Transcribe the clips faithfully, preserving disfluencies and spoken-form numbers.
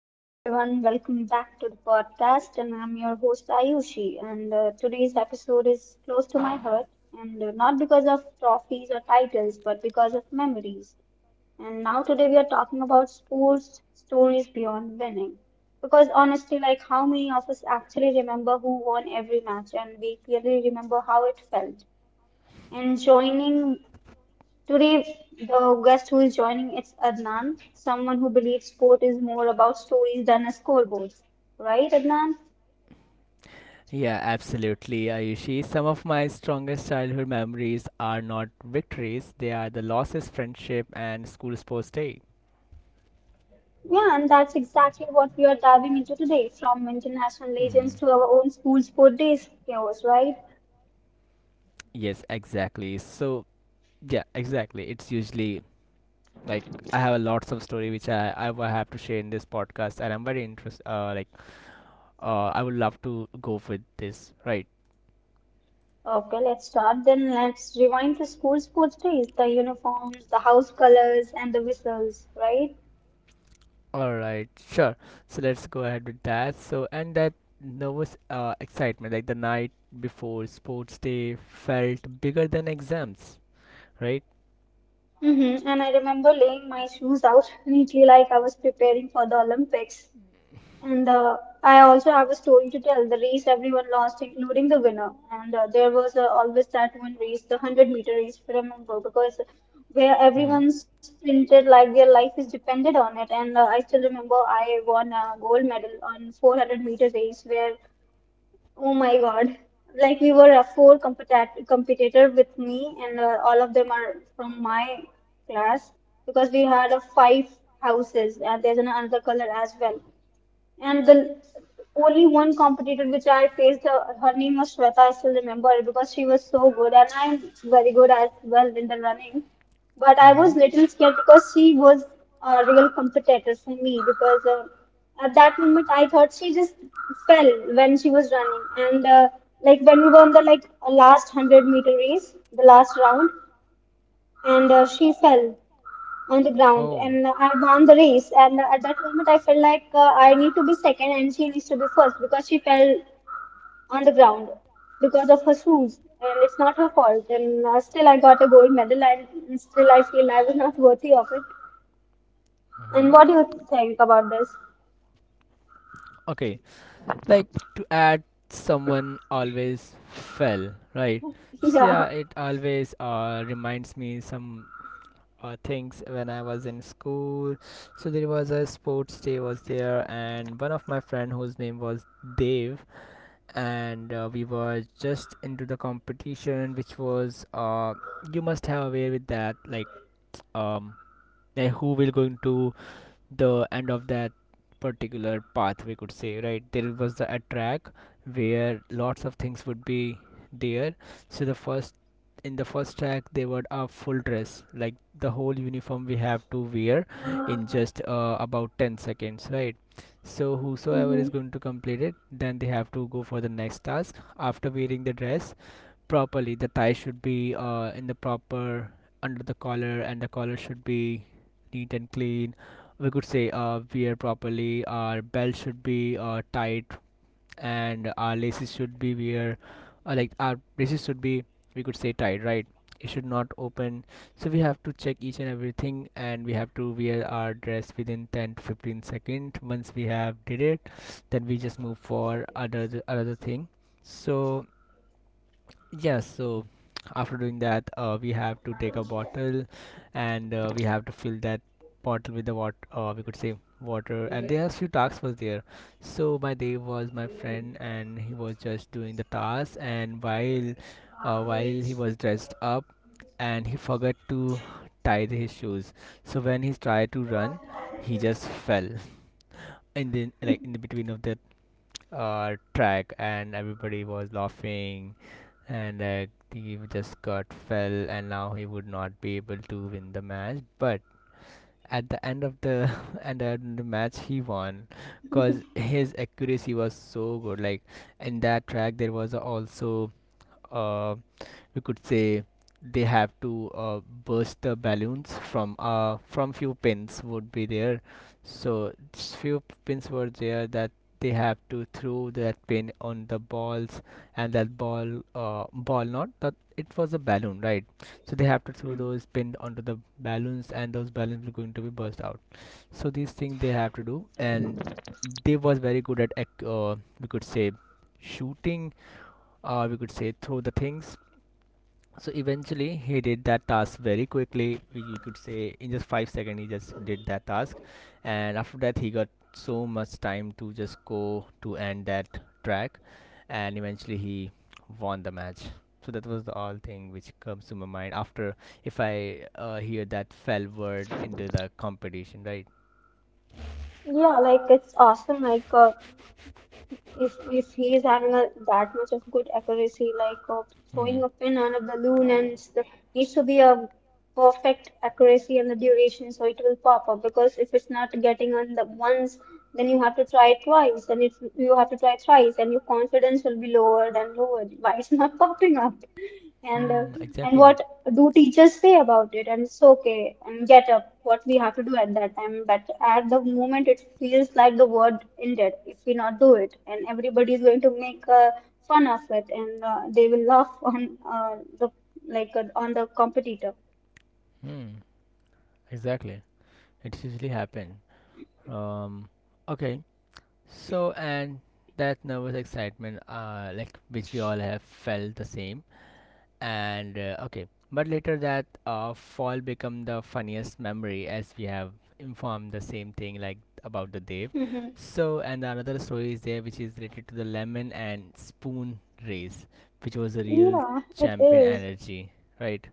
Hello everyone, welcome back to the Hello everyone. podcast, and I'm your host Ayushi. And uh, Today's So episode is close to my heart, and uh, not because of trophies or titles, I but because chose, of memories. but And now today we are talking about sports stories beyond winning, because honestly, like how many like of us actually remember who won every match, and we clearly remember how it felt. And joining today, the guest who is joining is Adnan, someone who believes sport is more about stories than a scoreboard. Right, Adnan? yeah, absolutely, Ayushi. Some of my strongest childhood memories are not victories, they are the losses, friendship, and school sports day. Yeah, and that's exactly what we are diving into today, from international legends Hmm. to our own school sport days chaos, right? Yes, exactly. So yeah, exactly. It's usually like I have a lots of story which I I will have to share in this podcast, and I'm very interest. Uh, like uh, I would love to go with this. Right. Okay, let's start then. Let's rewind to school sports days, the uniforms, the house colors, and the whistles, right? All right. Sure. So let's go ahead with that. So and that nervous uh excitement, like the night before sports day, felt bigger than exams. Right. Mm-hmm. And I remember laying my shoes out neatly like I was preparing for the Olympics. And uh, I also have a story to tell. The race everyone lost, including the winner. And uh, there was uh, always that one race, the one hundred meter race, if I remember, because where Mm-hmm. everyone sprinted like their life is depended on it. And uh, I still remember I won a gold medal on four hundred meter race, where, oh my God, like we were uh, four competat competitor with me, and uh, all of them are from my class because we had uh, five houses, and there's another color as well. And the only one competitor which I faced, uh, her name was Shweta. I still remember it because she was so good, and I'm very good as well in the running. But I was Mm-hmm. little scared because she was a real competitor for me because uh, at that moment I thought she just fell when she was running, and uh, like when we were on the like last hundred meter race, the last round, and uh, she fell on the ground Oh. and I won the race. And at that moment, I felt like uh, I need to be second and she needs to be first because she fell on the ground because of her shoes and it's not her fault. And uh, still, I got a gold medal and still, I feel I was not worthy of it. Mm-hmm. And what do you think about this? Okay. like to add, someone always fell, right? So Yeah. yeah, it always uh, reminds me some uh, things when I was in school. So there was a sports day was there, and one of my friend whose name was Dave. And uh, we were just into the competition which was uh you must have aware with that, like um like who will going to the end of that particular path, we could say, right? There was the, a track where lots of things would be there. So the first in the first track, they were a full dress, like the whole uniform we have to wear in just uh, about ten seconds, right? So whosoever Hmm. is going to complete it, then they have to go for the next task after wearing the dress properly. The tie should be uh, in the proper under the collar, and the collar should be neat and clean. We could say uh, wear properly. Our belt should be uh, tight, and our laces should be wear uh, like our laces should be, we could say, tight, right? It should not open. So we have to check each and everything, and we have to wear our dress within ten to fifteen seconds. Once we have did it, then we just move for other another thing. So yes, so after doing that, uh, we have to take a bottle, and uh, we have to fill that bottle with the water, uh, we could say water. And there are few tasks was there. So my Dev was my friend, and he was just doing the task. And while uh, while he was dressed up, and he forgot to tie the- his shoes. So when he tried to run, he just fell in the like in the between of the uh, track, and everybody was laughing. And uh, he just got fell, and now he would not be able to win the match. But at the end of the and then the match, he won, because his accuracy was so good. Like in that track, there was also, uh, we could say, they have to uh, burst the balloons from uh from few pins would be there. So s- few pins were there that they have to throw that pin on the balls. And that ball, uh ball not that, it was a balloon, right? So they have to throw those pins onto the balloons, and those balloons are going to be burst out. So these things they have to do. And they was very good at ac- uh, we could say shooting, uh, we could say throw the things. So eventually he did that task very quickly, you could say in just five seconds he just did that task. And after that, he got so much time to just go to end that track, and eventually he won the match. So that was the all thing which comes to my mind after, if I uh, hear that fell word into the competition, right? Yeah, like it's awesome. Like uh, if if he is having a, that much of good accuracy, like uh, Mm-hmm. throwing a pin on a balloon, and s- needs to be a perfect accuracy and the duration so it will pop up, because if it's not getting on the once, then you have to try twice, and if you have to try thrice, and your confidence will be lowered and lowered, why it's not popping up? and uh, Mm, and exactly. what do teachers say about it? And it's okay and get up, what we have to do at that time. But at the moment it feels like the word ended if we not do it, and everybody is going to make uh, fun of it, and uh, they will laugh on uh, the like uh, on the competitor. Hmm. Exactly. it's usually happen um okay. So, and that nervous excitement, uh, like which we all have felt the same. And uh, okay, but later that uh, fall become the funniest memory, as we have informed the same thing like about the Dev. Mm-hmm. So, and the another story is there which is related to the lemon and spoon race, which was a real Yeah, it champion is. energy, right?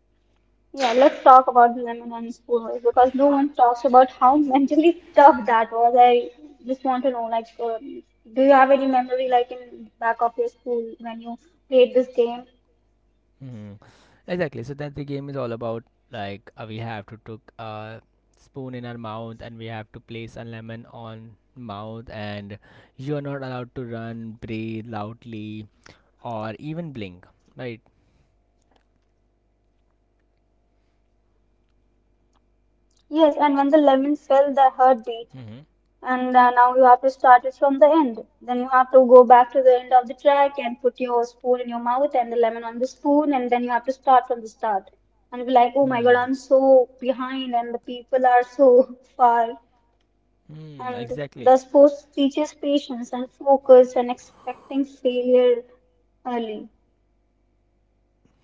Yeah, let's talk about the Lebanon schoolwork, because no one talks about how mentally tough that was. I just want to know, like, uh, do you have any memory, like, in back of your school when you played this game? Mm. Exactly. So that the game is all about like uh, we have to took a spoon in our mouth, and we have to place a lemon on mouth, and you are not allowed to run, breathe loudly, or even blink. Right. Yes, and when the lemon fell, the heartbeat. Mm-hmm. and uh, now you have to start it from the end. Then you have to go back to the end of the track and put your spoon in your mouth and the lemon on the spoon, and then you have to start from the start. And be like, oh my Hmm. god, I'm so behind, and the people are so far. Hmm. And Exactly. the sport teaches patience and focus and expecting failure early.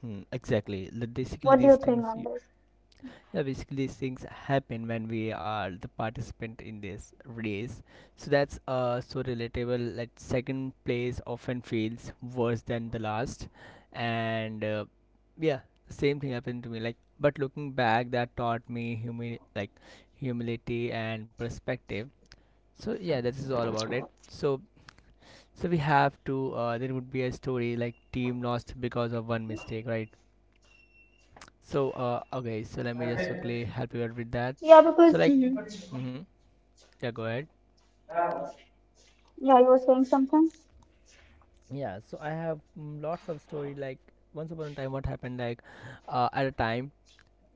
Hmm. Exactly. The- Basically, What do these you think things, on this? yeah, basically these things happen when we are the participant in this race. So that's uh so relatable, like second place often feels worse than the last. And uh, yeah same thing happened to me, like but looking back, that taught me humi- like humility and perspective. So yeah, that is all about it. So so we have to uh, there would be a story like team lost because of one mistake, right? So uh okay, so let me just quickly help you out with that. Yeah, so because, like mhm. Mm-hmm. Yeah, go ahead. Yeah, you were saying something. Yeah, so I have mm, lots of story like, once upon a time what happened, like uh, at a time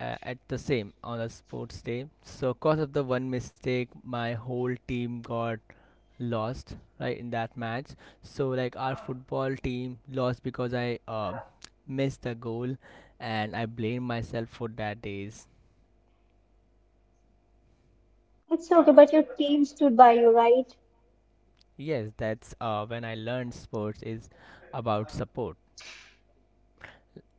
uh, at the same on a sports day. So cause of the one mistake, my whole team got lost, right, in that match. So like our football team lost because I uh, missed the goal, and I blame myself for that days. It's okay, but your team stood by you, right? Yes, that's uh, when I learned sports is about support.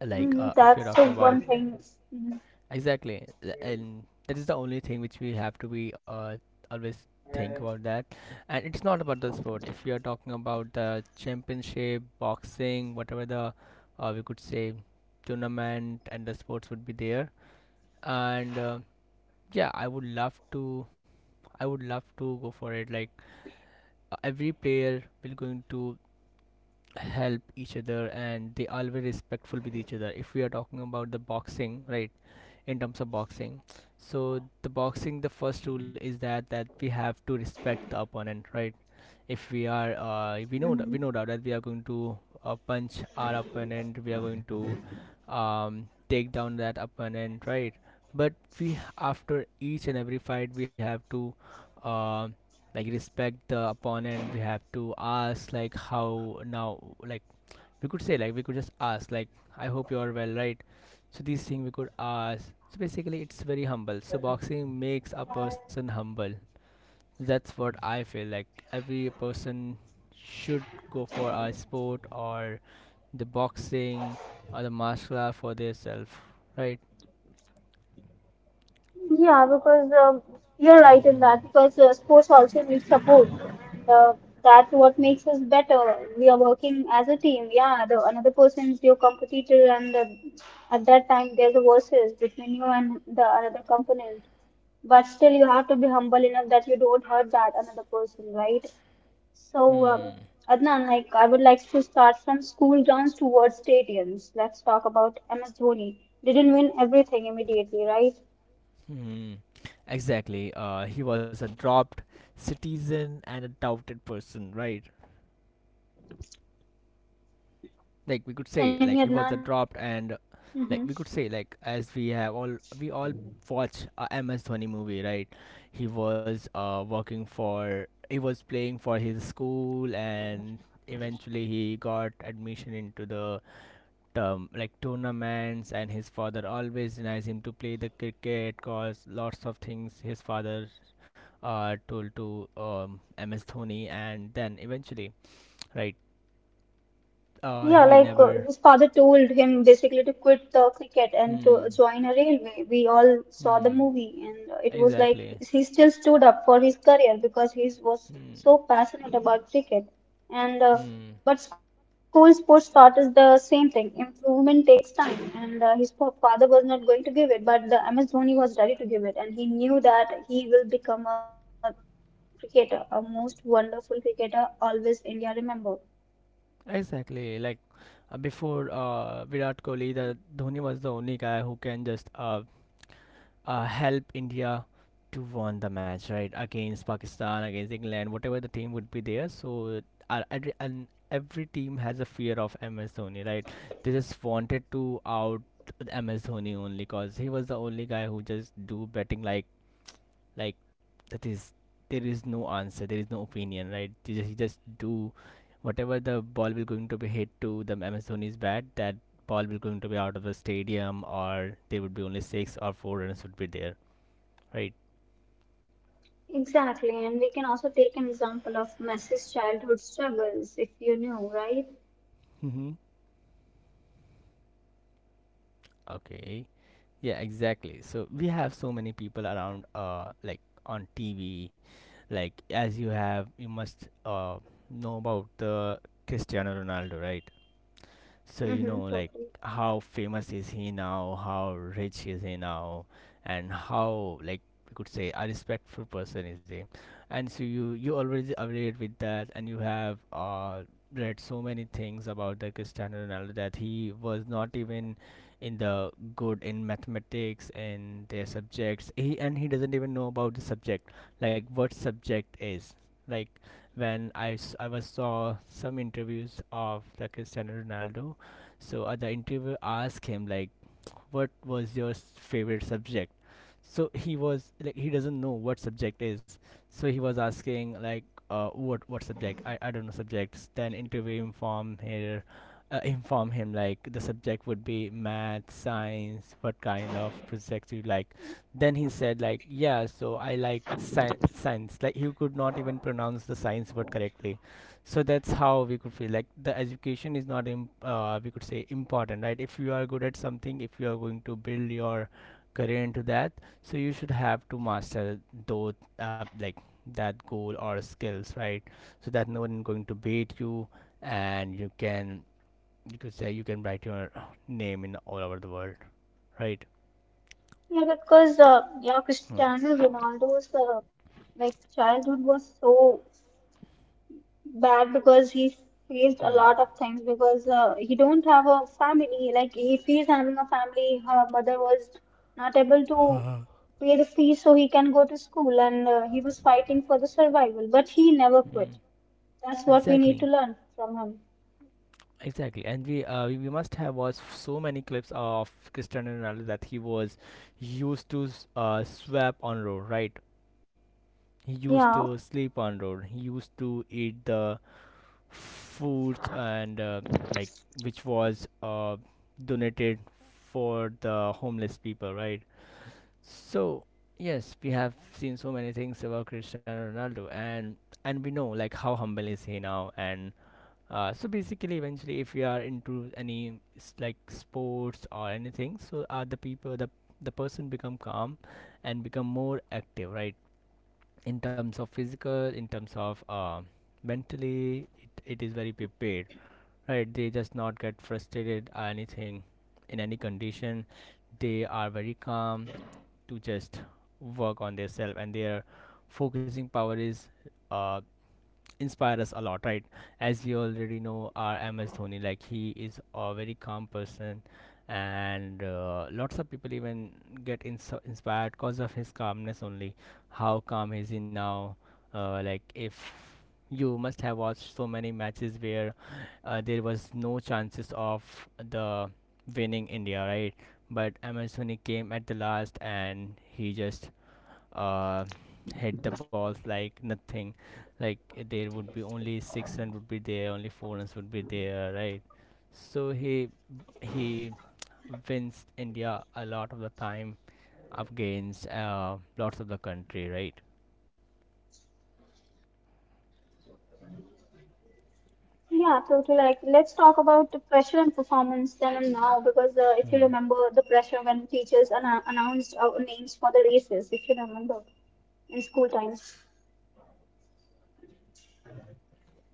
Like Mhm, uh, if you're that's talking the about, one thing. Mhm, exactly, Th- and that is the only thing which we have to be uh, always think about that. And it's not about the sport, if you're talking about the championship, boxing, whatever the, uh, we could say, tournament and the sports would be there. And uh, yeah i would love to I would love to go for it. Like uh, every player will going to help each other, and they always respectful with each other, if we are talking about the boxing, right? In terms of boxing. So the boxing, the first rule is that that we have to respect the opponent, right? If we are, uh, we know that we know mhm. that we are going to uh, punch our opponent, we are going to um, take down that opponent, right? But we, after each and every fight, we have to. Uh, like respect the opponent, we have to ask like how now, like we could say, like we could just ask like, I hope you are well, right? So these things we could ask. So basically it's very humble. So boxing makes a person humble, that's what I feel. Like every person should go for a sport, or the boxing, or the martial art for themselves, right? Yeah, because um, you're right in that. Mm-hmm. Because uh, sports also needs support. Uh, that's what makes us better. We are working as a team. Yeah, the another person is your competitor, and uh, at that time there's a versus between you and the another component. But still, you have to be humble enough that you don't hurt that another person, right? So, uh, Hmm. Adnan, like I would like to start from school grounds towards stadiums. Let's talk about M S Dhoni. Didn't win everything immediately, right? Hmm. Exactly. Uh he was a dropped citizen and a doubted person, right? like we Can could you hear say me, like It Adnan? was a dropped, and Mm-hmm. like we could say, like, as we have all, we all watch a MS Dhoni movie, right? He was uh working for he was playing for his school, and eventually he got admission into the term like tournaments. And his father always denies him to play the cricket, cause lots of things his father uh told to um MS Dhoni. And then eventually, right, uh Yeah, he like uh, never. his father told him basically to quit the cricket and to Hmm. join a railway. We all saw the Hmm. movie, and uh, it was like Exactly. he still stood up for his career because he Hmm. was so passionate about cricket. Hmm. And uh, but school sports started us the same thing. Improvement takes time, and uh, his fa- father was not going to give it, but the M S Dhoni was ready to give it, and he knew that he will become a cricketer, a most wonderful cricketer, always India remember. Exactly. Like uh, before uh, Virat Kohli, the Dhoni was the only guy who can just uh, uh, help India to win the match, right? Against Pakistan, against England, whatever the team would be there. So uh, every- and every team has a fear of M S Dhoni, right? They just wanted to out M S Dhoni, only because he was the only guy who just do betting, like like that is, there is no answer, there is no opinion, right? You just, you just do whatever the ball will going to be hit to the amazoni's bat, that ball will going to be out of the stadium, or there would be only six or four runners would be there, right? Exactly, and we can also take an example of Messi's childhood struggles, if you know, right? Mm-hmm. Okay. Yeah, exactly. So we have so many people around, uh like on TV, like as you have, you must uh know about the Cristiano Ronaldo, right? So you know, Mm-hmm, like totally. how famous is he now? How rich is he now? And how, like we could say, a respectful person is he? And so you you already updated with that, and you have uh read so many things about the Cristiano Ronaldo, that he was not even in the good in mathematics and their subjects. He and he doesn't even know about the subject, like what subject is, like when I, s- I was saw some interviews of the Cristiano Ronaldo. So uh, the interviewer asked him like, "What was your s- favorite subject?" So he was like, he doesn't know what subject is. So he was asking like, uh, "What what subject? I, I don't know subjects." Then interviewer inform here, uh, inform him like the subject would be math, science. What kind of projects you like? Then he said like, "Yeah, so I like sci- science." Like he could not even pronounce the science word correctly. So that's how we could feel like the education is not im- uh, we could say important, right? If you are good at something, if you are going to build your career into that, so you should have to master those uh, like that goal or skills, right? So that no one going to beat you, and you can you could say you can write your name in all over the world, right? Yeah, because uh, yeah, Hmm. Cristiano Ronaldo's uh, like childhood was so bad because he faced a Hmm. lot of things because uh, he don't have a family. Like if he's having a family, her mother was not able to pay the fees so he can go to school, and uh, he was fighting for the survival. But he never Hmm. quit. That's what we need to Exactly. learn from him. Exactly, and we uh, we must have watched so many clips of Cristiano Ronaldo that he was used to s- uh, swap on road, right? He used to Yeah, sleep on road. He used to eat the foods, and uh, like which was uh, donated for the homeless people, right? So yes, we have seen so many things about Cristiano Ronaldo, and and we know like how humble is he now. And uh, so basically, eventually, if you are into any s- like sports or anything, so are the people the the person become calm and become more active, right? In terms of physical, in terms of uh, mentally, it, it is very prepared, right? They just not get frustrated or anything in any condition. They are very calm to just work on their self, and their focusing power is uh, inspire us a lot, right? As we already know, our M S Dhoni, like he is a very calm person, and uh, lots of people even get ins- inspired because of his calmness only. How calm is he now? Uh, like if you must have watched so many matches where uh, there was no chances of the winning India, right? But M S Dhoni came at the last, and he just uh, hit the balls like nothing. Like eh, there would be only six runs would be there, only four runs would be there, right? So he he wins India a lot of the time against uh, lots of the country, right? yeah, totally. Like, let's talk about the pressure and performance then and now, because uh, if you remember the pressure when teachers an- Hmm. announced our names for the races, if you remember in school times.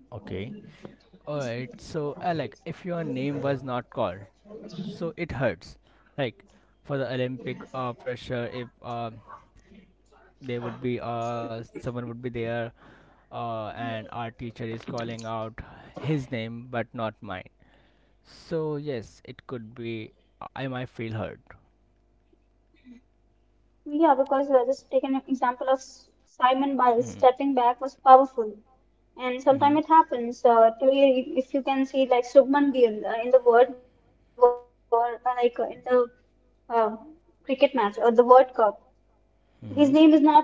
Okay. Alright. So uh, like if your name was not called, so it hurts. Like for the Olympic uh, pressure, if uh, there would be uh, someone would be there uh, and our teacher is calling out his name but not mine. So yes, it could be I might feel hurt. Yeah, because uh, just take an example of S- Mm-hmm. Simon Biles stepping back was powerful, Mm-hmm. and sometimes it happens. Uh, today, if if you can see like Subman Gill uh, in the World War, uh, like uh, in the uh, cricket match or the World Cup.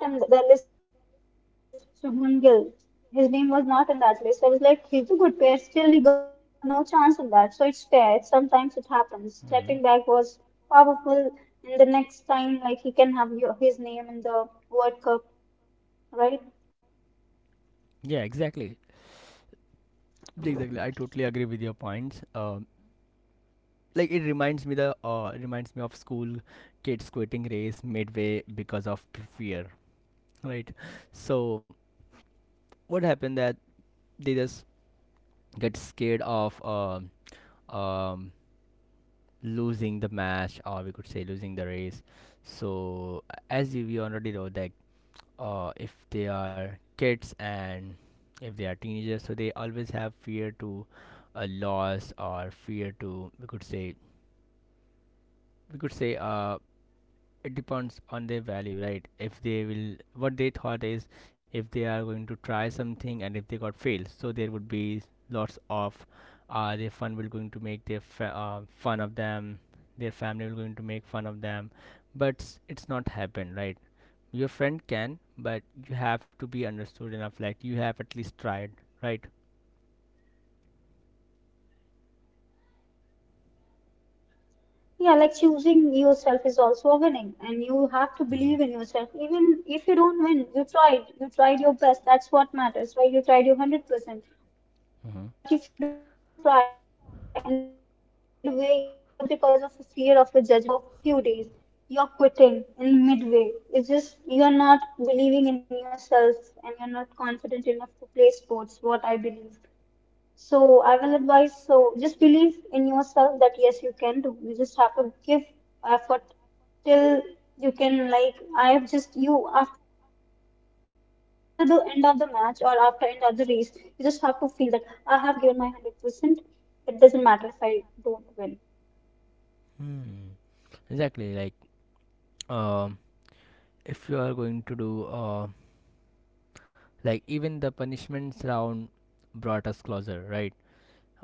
His name is not on the list, Shubman Gill. His name was not on that list. I was like, he's a good player. Still, he got no chance in that. So it's fair. Sometimes it happens. Stepping Mm-hmm. back was powerful. And the next time, like, he can have your, his name in the World Cup, right? Yeah, exactly. Yeah, exactly. I totally agree with your points. Um, like it reminds me the uh, reminds me of school kids quitting race midway because of p- fear, right? So what happened that they just get scared of um um losing the match, or we could say losing the race. So uh, as you- we already know that uh, if they are kids, and if they are teenagers, so they always have fear to a loss, or fear to, we could say, we could say, uh, it depends on their value, right? If they will what they thought is, if they are going to try something and if they got failed, so there would be lots of uh, their fun will going to make their fa- uh, fun of them, their family will going to make fun of them. But s- it's not happened, right? Your friend can, but you have to be understood enough, like you have at least tried, right? Yeah, like choosing yourself is also a winning, and you have to believe in Mm-hmm. yourself. Even if you don't win, you tried. You tried your best. That's what matters, right? You tried your one hundred percent. But if you Mm-hmm. don't try in the midway, you're just because of a fear of a judgment from another people who are just going to make it like make a fun of it for a few days. You're quitting in midway. It's just you're not believing in yourself, and you're not confident enough to play sports, what I believe. So I will advise, so just believe in yourself that yes, you can do. You just have to give effort till you can, like I have just you after the end of the match or after end of the race, you just have to feel that I have given my one hundred percent. It doesn't matter if I don't win. Mm. Exactly, like um if you are going to do uh, like even the punishments round brought us closer, right?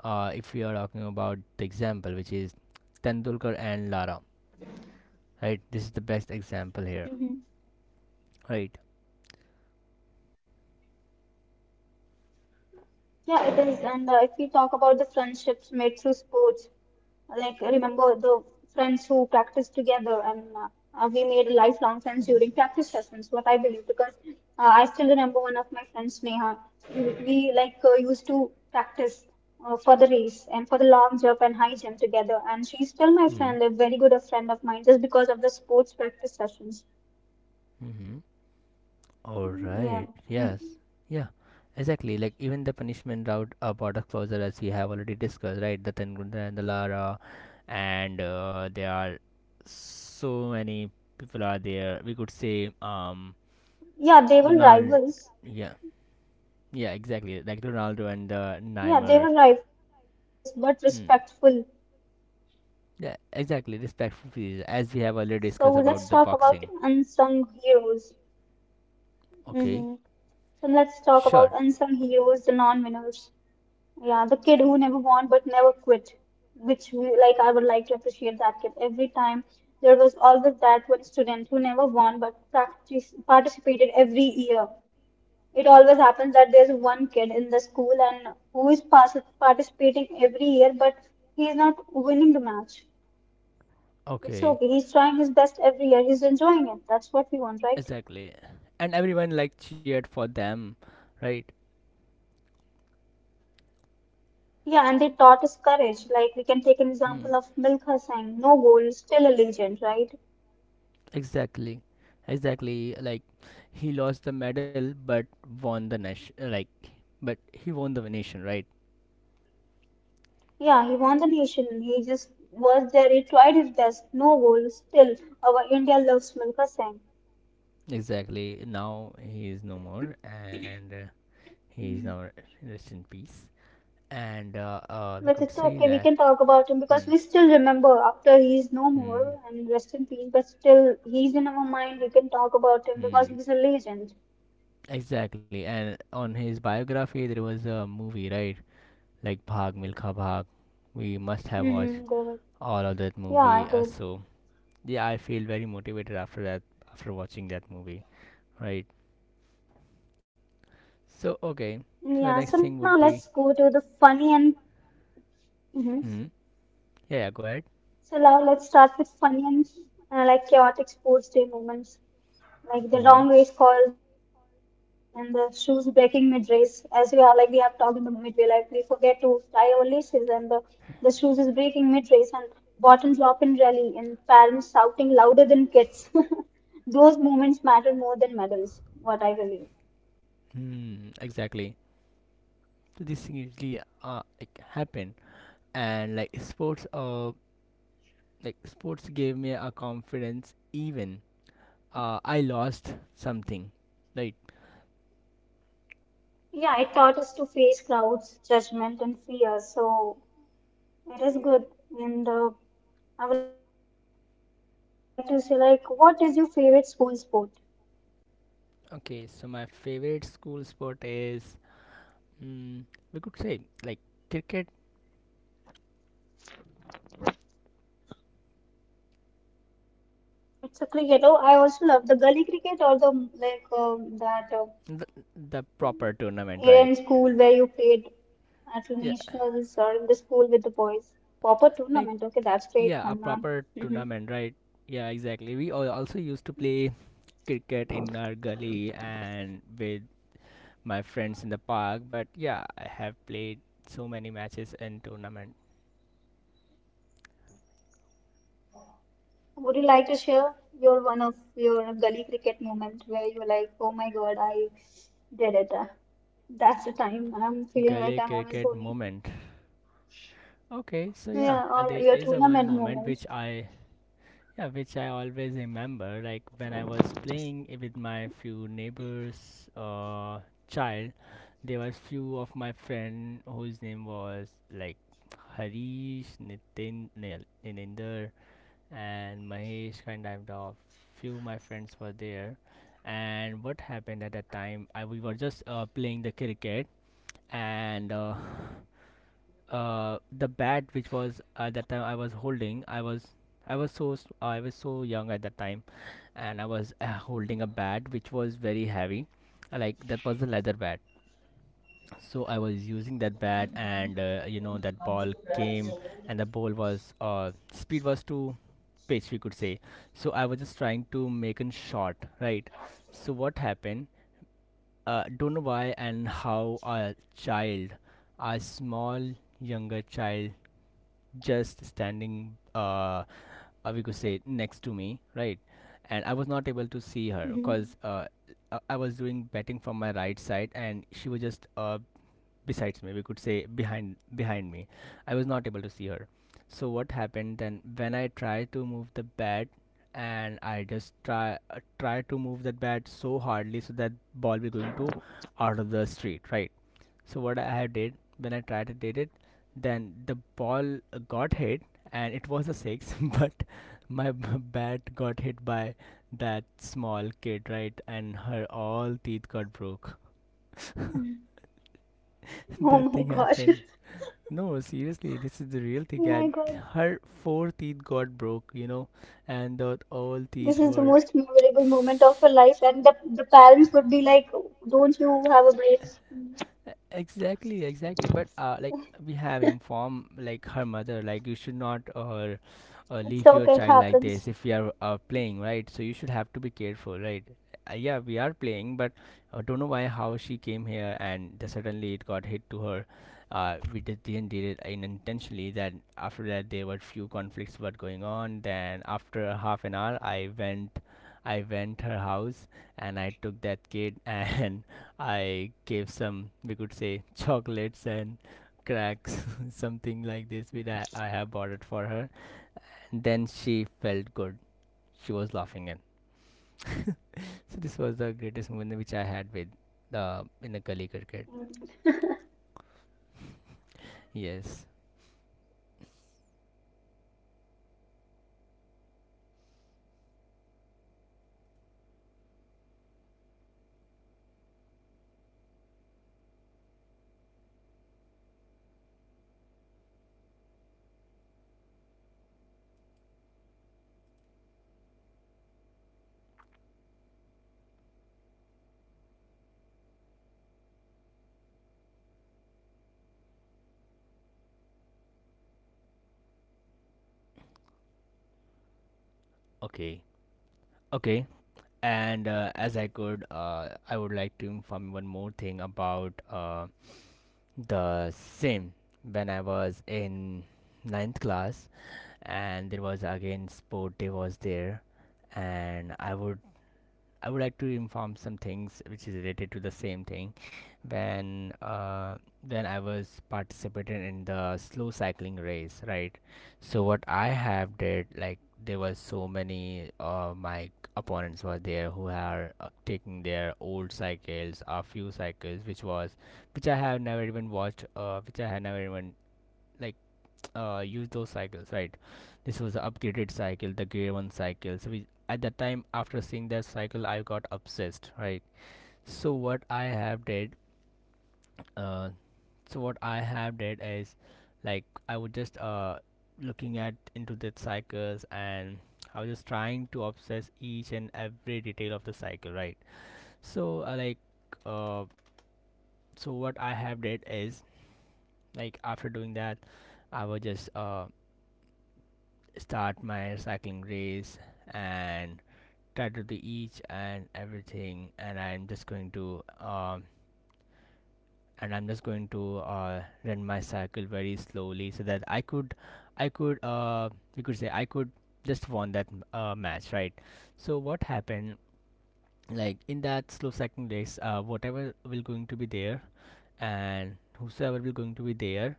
Uh, if we are talking about the example, which is Tendulkar and Lara, right? This is the best example here, right? Hmm. Yeah, it is. And uh, If we talk about the friendships made through sports, like, I remember the friends who practiced together, and uh, we made lifelong friends during practice sessions, what I believe, because uh, I still remember one of my friends, Neha. We, we like uh, used to practice uh, for the race and for the long jump and high jump Hmm. together, and she's still my friend, a very good a friend of mine, just because of the sports practice Mm-hmm. sessions. All right. Yes. Yeah. Yeah, Exactly. Like mm. even the punishment route uh, brought us closer, as we have already discussed, right? The Tendulkar and the Lara, and uh, there are so many people are there. We could say um, Yeah, they were Donald. rivals. Yeah. Yeah, exactly. Like Ronaldo and the Neymar. Yeah, they were rivals, but Hmm. respectful. Yeah, exactly. Respectful fees, as we have already discussed So about let's the talk about boxing. unsung heroes. Okay, Mm-hmm. So let's talk sure. about unsung heroes, the non-winners. Yeah, the kid who never won but never quit, which we like. I would like to appreciate that kid every time. There was always that one student who never won but practice, participated every year. It always happens that there's one kid in the school and who is pas- participating every year, but he is not winning the match. It's okay. He's trying his Okay, best every year. He's enjoying it. That's what we want, right? exactly. And everyone like cheered for them, right? Yeah, and they taught us courage. Like we can take an Hmm. example of Milkha Singh, no goal, still a legend, right? Exactly, exactly. Like he lost the medal, but won the nation. Like, but he won the nation, right? Yeah, he won the nation. He just was there. He tried his best. No goal, still. Our India loves Milkha Singh. Exactly. Now he is no more, and uh, he is now rest in peace. And uh, uh, we But could it's say okay. We that can talk about him because Hmm. we still remember after he's no Hmm. more and rest in peace. But still, he's in our mind. We can talk about him because Hmm. he's a legend. Exactly. And on his biography, there was a movie, right? Like Bhag Milkha Bhag. We must have watched Mm-hmm, Gaurav. all of that Yeah, movie. I Uh, did. so yeah, I feel very motivated after that. After watching that movie, right? Yeah. So now So let's okay. go to So the the next funny thing and. would be. Mm-hmm. Hmm. Yeah. So Yeah, go now ahead. let's start with funny and uh, like chaotic sports day moments, like the long race Uh-huh. calls and the shoes breaking mid race. As we have like we have talked in the midway, like we forget to tie our laces, and the the shoes is breaking mid race, and bottoms drop in rally, and parents shouting louder than kids. Those moments matter more than medals, what I believe. Hmm. Exactly. So this thing usually uh like happened, and like sports uh like sports gave me a confidence even uh, I lost something, right? Yeah, it taught us to face crowds, judgment, and fear. So that is good. And uh, I would like to say, like, what is your favorite school sport? Okay, so my favorite school sport is mm, we could say like cricket, It's a cricket. Oh, I also love the gully cricket or the like um that uh, the, the proper tournament, area right? in school where you played at Yeah, nationals or in the school with the boys. Proper like tournament. Okay, that's yeah, a great, proper Hannan. tournament, Hmm. right? Yeah, exactly. We al- also used to play cricket in our gully and with my friends in the park, but yeah, I have played so many matches in tournament. Would you like to share your one of your gully cricket moment where you're like, oh my God, I did it. Uh, Gully That's the cricket time moment. I'm feeling like I'm M S Dhoni. Okay, so yeah, uh, there is a one moment which I. Yeah, or your Yeah, which tournament I moment. always remember, like when I was playing i- with my few neighbors' uh, child, there was few of my friend whose name was like Harish, Nitin, Nil- Nininder, and Mahesh. Kind of the few my friends were there, and what happened at that time? I We were just uh, playing the cricket, and uh, uh, the bat which was at that time I was holding, I was I was so s- I was so young at that time, and I was uh, holding a bat which was very heavy, uh, like that was a leather bat. So I was using that bat, and uh, you know that ball came, and the ball was uh, speed was too pitch we could say. So I was just trying to make a shot, right? So what happened? Uh, don't know why and how a child, a small younger child just standing uh uh, we could say next to me, right? And I was not able to see her because uh, uh, I was doing betting from my right Hmm. side, and she was just uh besides me, we could say, behind behind me. I was not able to see her. So what happened? Then when I tried to move the bat, and I just try uh, try to move that bat so hardly so that ball will going to out of the street, right? So what I have did, when I tried to did it, then the ball uh, got hit and it was a six, but my b- bat got hit by that small kid, right? And her all teeth got broke. That thing happened. No, seriously, this is the Oh real my thing. And gosh. her four teeth got broke, you know, Oh my and the God. all teeth were. This is the most memorable moment of your life, and the, the parents would be like, don't you have a brain? Exactly, exactly, but uh, like we have informed like her mother like you should not uh, uh, It's leave your okay, it child like happens. this if you are uh, playing, right? So you should have to be careful, right? Uh, yeah we are playing, but I don't know why how she came here and the, suddenly it got hit to her. Uh, we did, didn't did it unintentionally. That after that there were few conflicts were going on. Then after half an hour i went I went her house and I took that kid, and I gave some, we could say, chocolates and cracks, something like this, which I, I have bought it for her. And then she felt good. She was laughing at. So this was the greatest moment which I had with the in the Kali cricket. Mm. Yes. Yeah, that's awesome s- um, story which you have told us, and uh, like parents needs to understand that they have to be careful with their kids when when adults like when the teens are playing, and they needs to be be safe. And now, Adnan, let's go with the life lessons from sport which we get. And uh, I think sports taught us discipline, teamwork, resilience, because uh, every day, because in sports you need exercise, you have to exercise and you have to maintain your health very good. And you have to be Okay. disciplined every day. You Okay. have to wake up at And a uh, good as I time. At the could, same uh, time, you I would have to like to eat, you inform have to one more exercise, thing you have to about uh, practice, right? the same. When I was in ninth class, and there was again sport day was there, and i would i would like to inform some things which is related to the same thing. When uh, when I was participating in the slow cycling race, right? So what I have did, like there was so many of my opponents Can were you hear there me, who Adnan? are uh, taking their old cycles, a few cycles which was which I have never even watched, uh, which I had never even like uh, use those cycles, right? This was the upgraded cycle, the gray one cycle. So we, at that time after seeing that cycle I got obsessed, right? So what I have did, uh, so what I have did is like I would just uh, looking at into the cycles, and I was just trying to obsess each and every detail of the cycle, right? So uh, like uh, so what I have did is, like after doing that I was just uh, start my cycling race, and try to do each and everything, and I'm just going to um and I'm just going to uh, run my cycle very slowly so that I could I could uh you could say I could just won that uh, match, right? So what happened, like in that slow cycling race, uh, whatever will going to be there, and whosoever will going to be there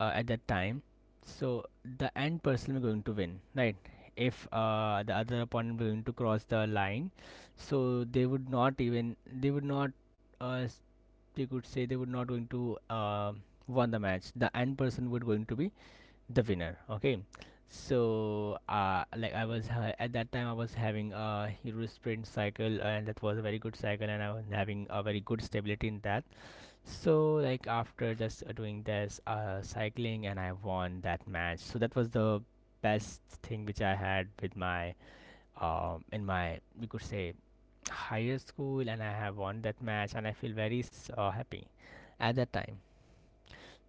uh, at that time, so the end person is going to win, right? If uh, the other opponent is going to Can you cross hear the me? line, so they would not even they would not uh, s- they could say they would not going to uh, won the match. The end person would going to be the winner, okay? So uh, like I was ha- at that time I was having a hero sprint cycle, and that was a very good cycle, and I was having a very good stability in that. So like after just uh, doing this uh, cycling, and I won that match. So that was the best thing which I had with my um in my we could say higher school, and I have won that match, and I feel very s- uh, happy at that time.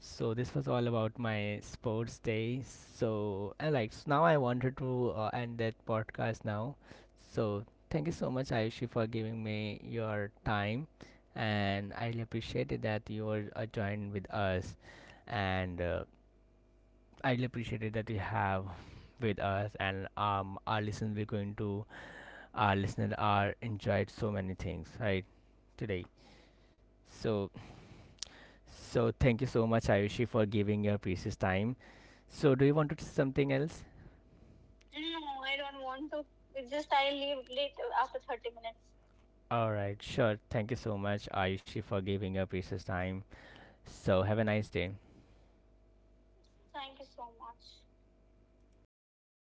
So this was all about my sports day. So and like so now I wanted to uh, end that podcast now. So thank you so much Ayushi for giving me your time, and I really appreciated that you were uh, joined with us, and uh, I really appreciated that you have with us, and um our listeners we're going to our listeners are enjoyed so many things, right, today. So so thank you so much Ayushi for giving your precious time. So, do you want to say something else? All right, sure. Thank you so much, Ayushi, for giving up precious time. So, have a nice day.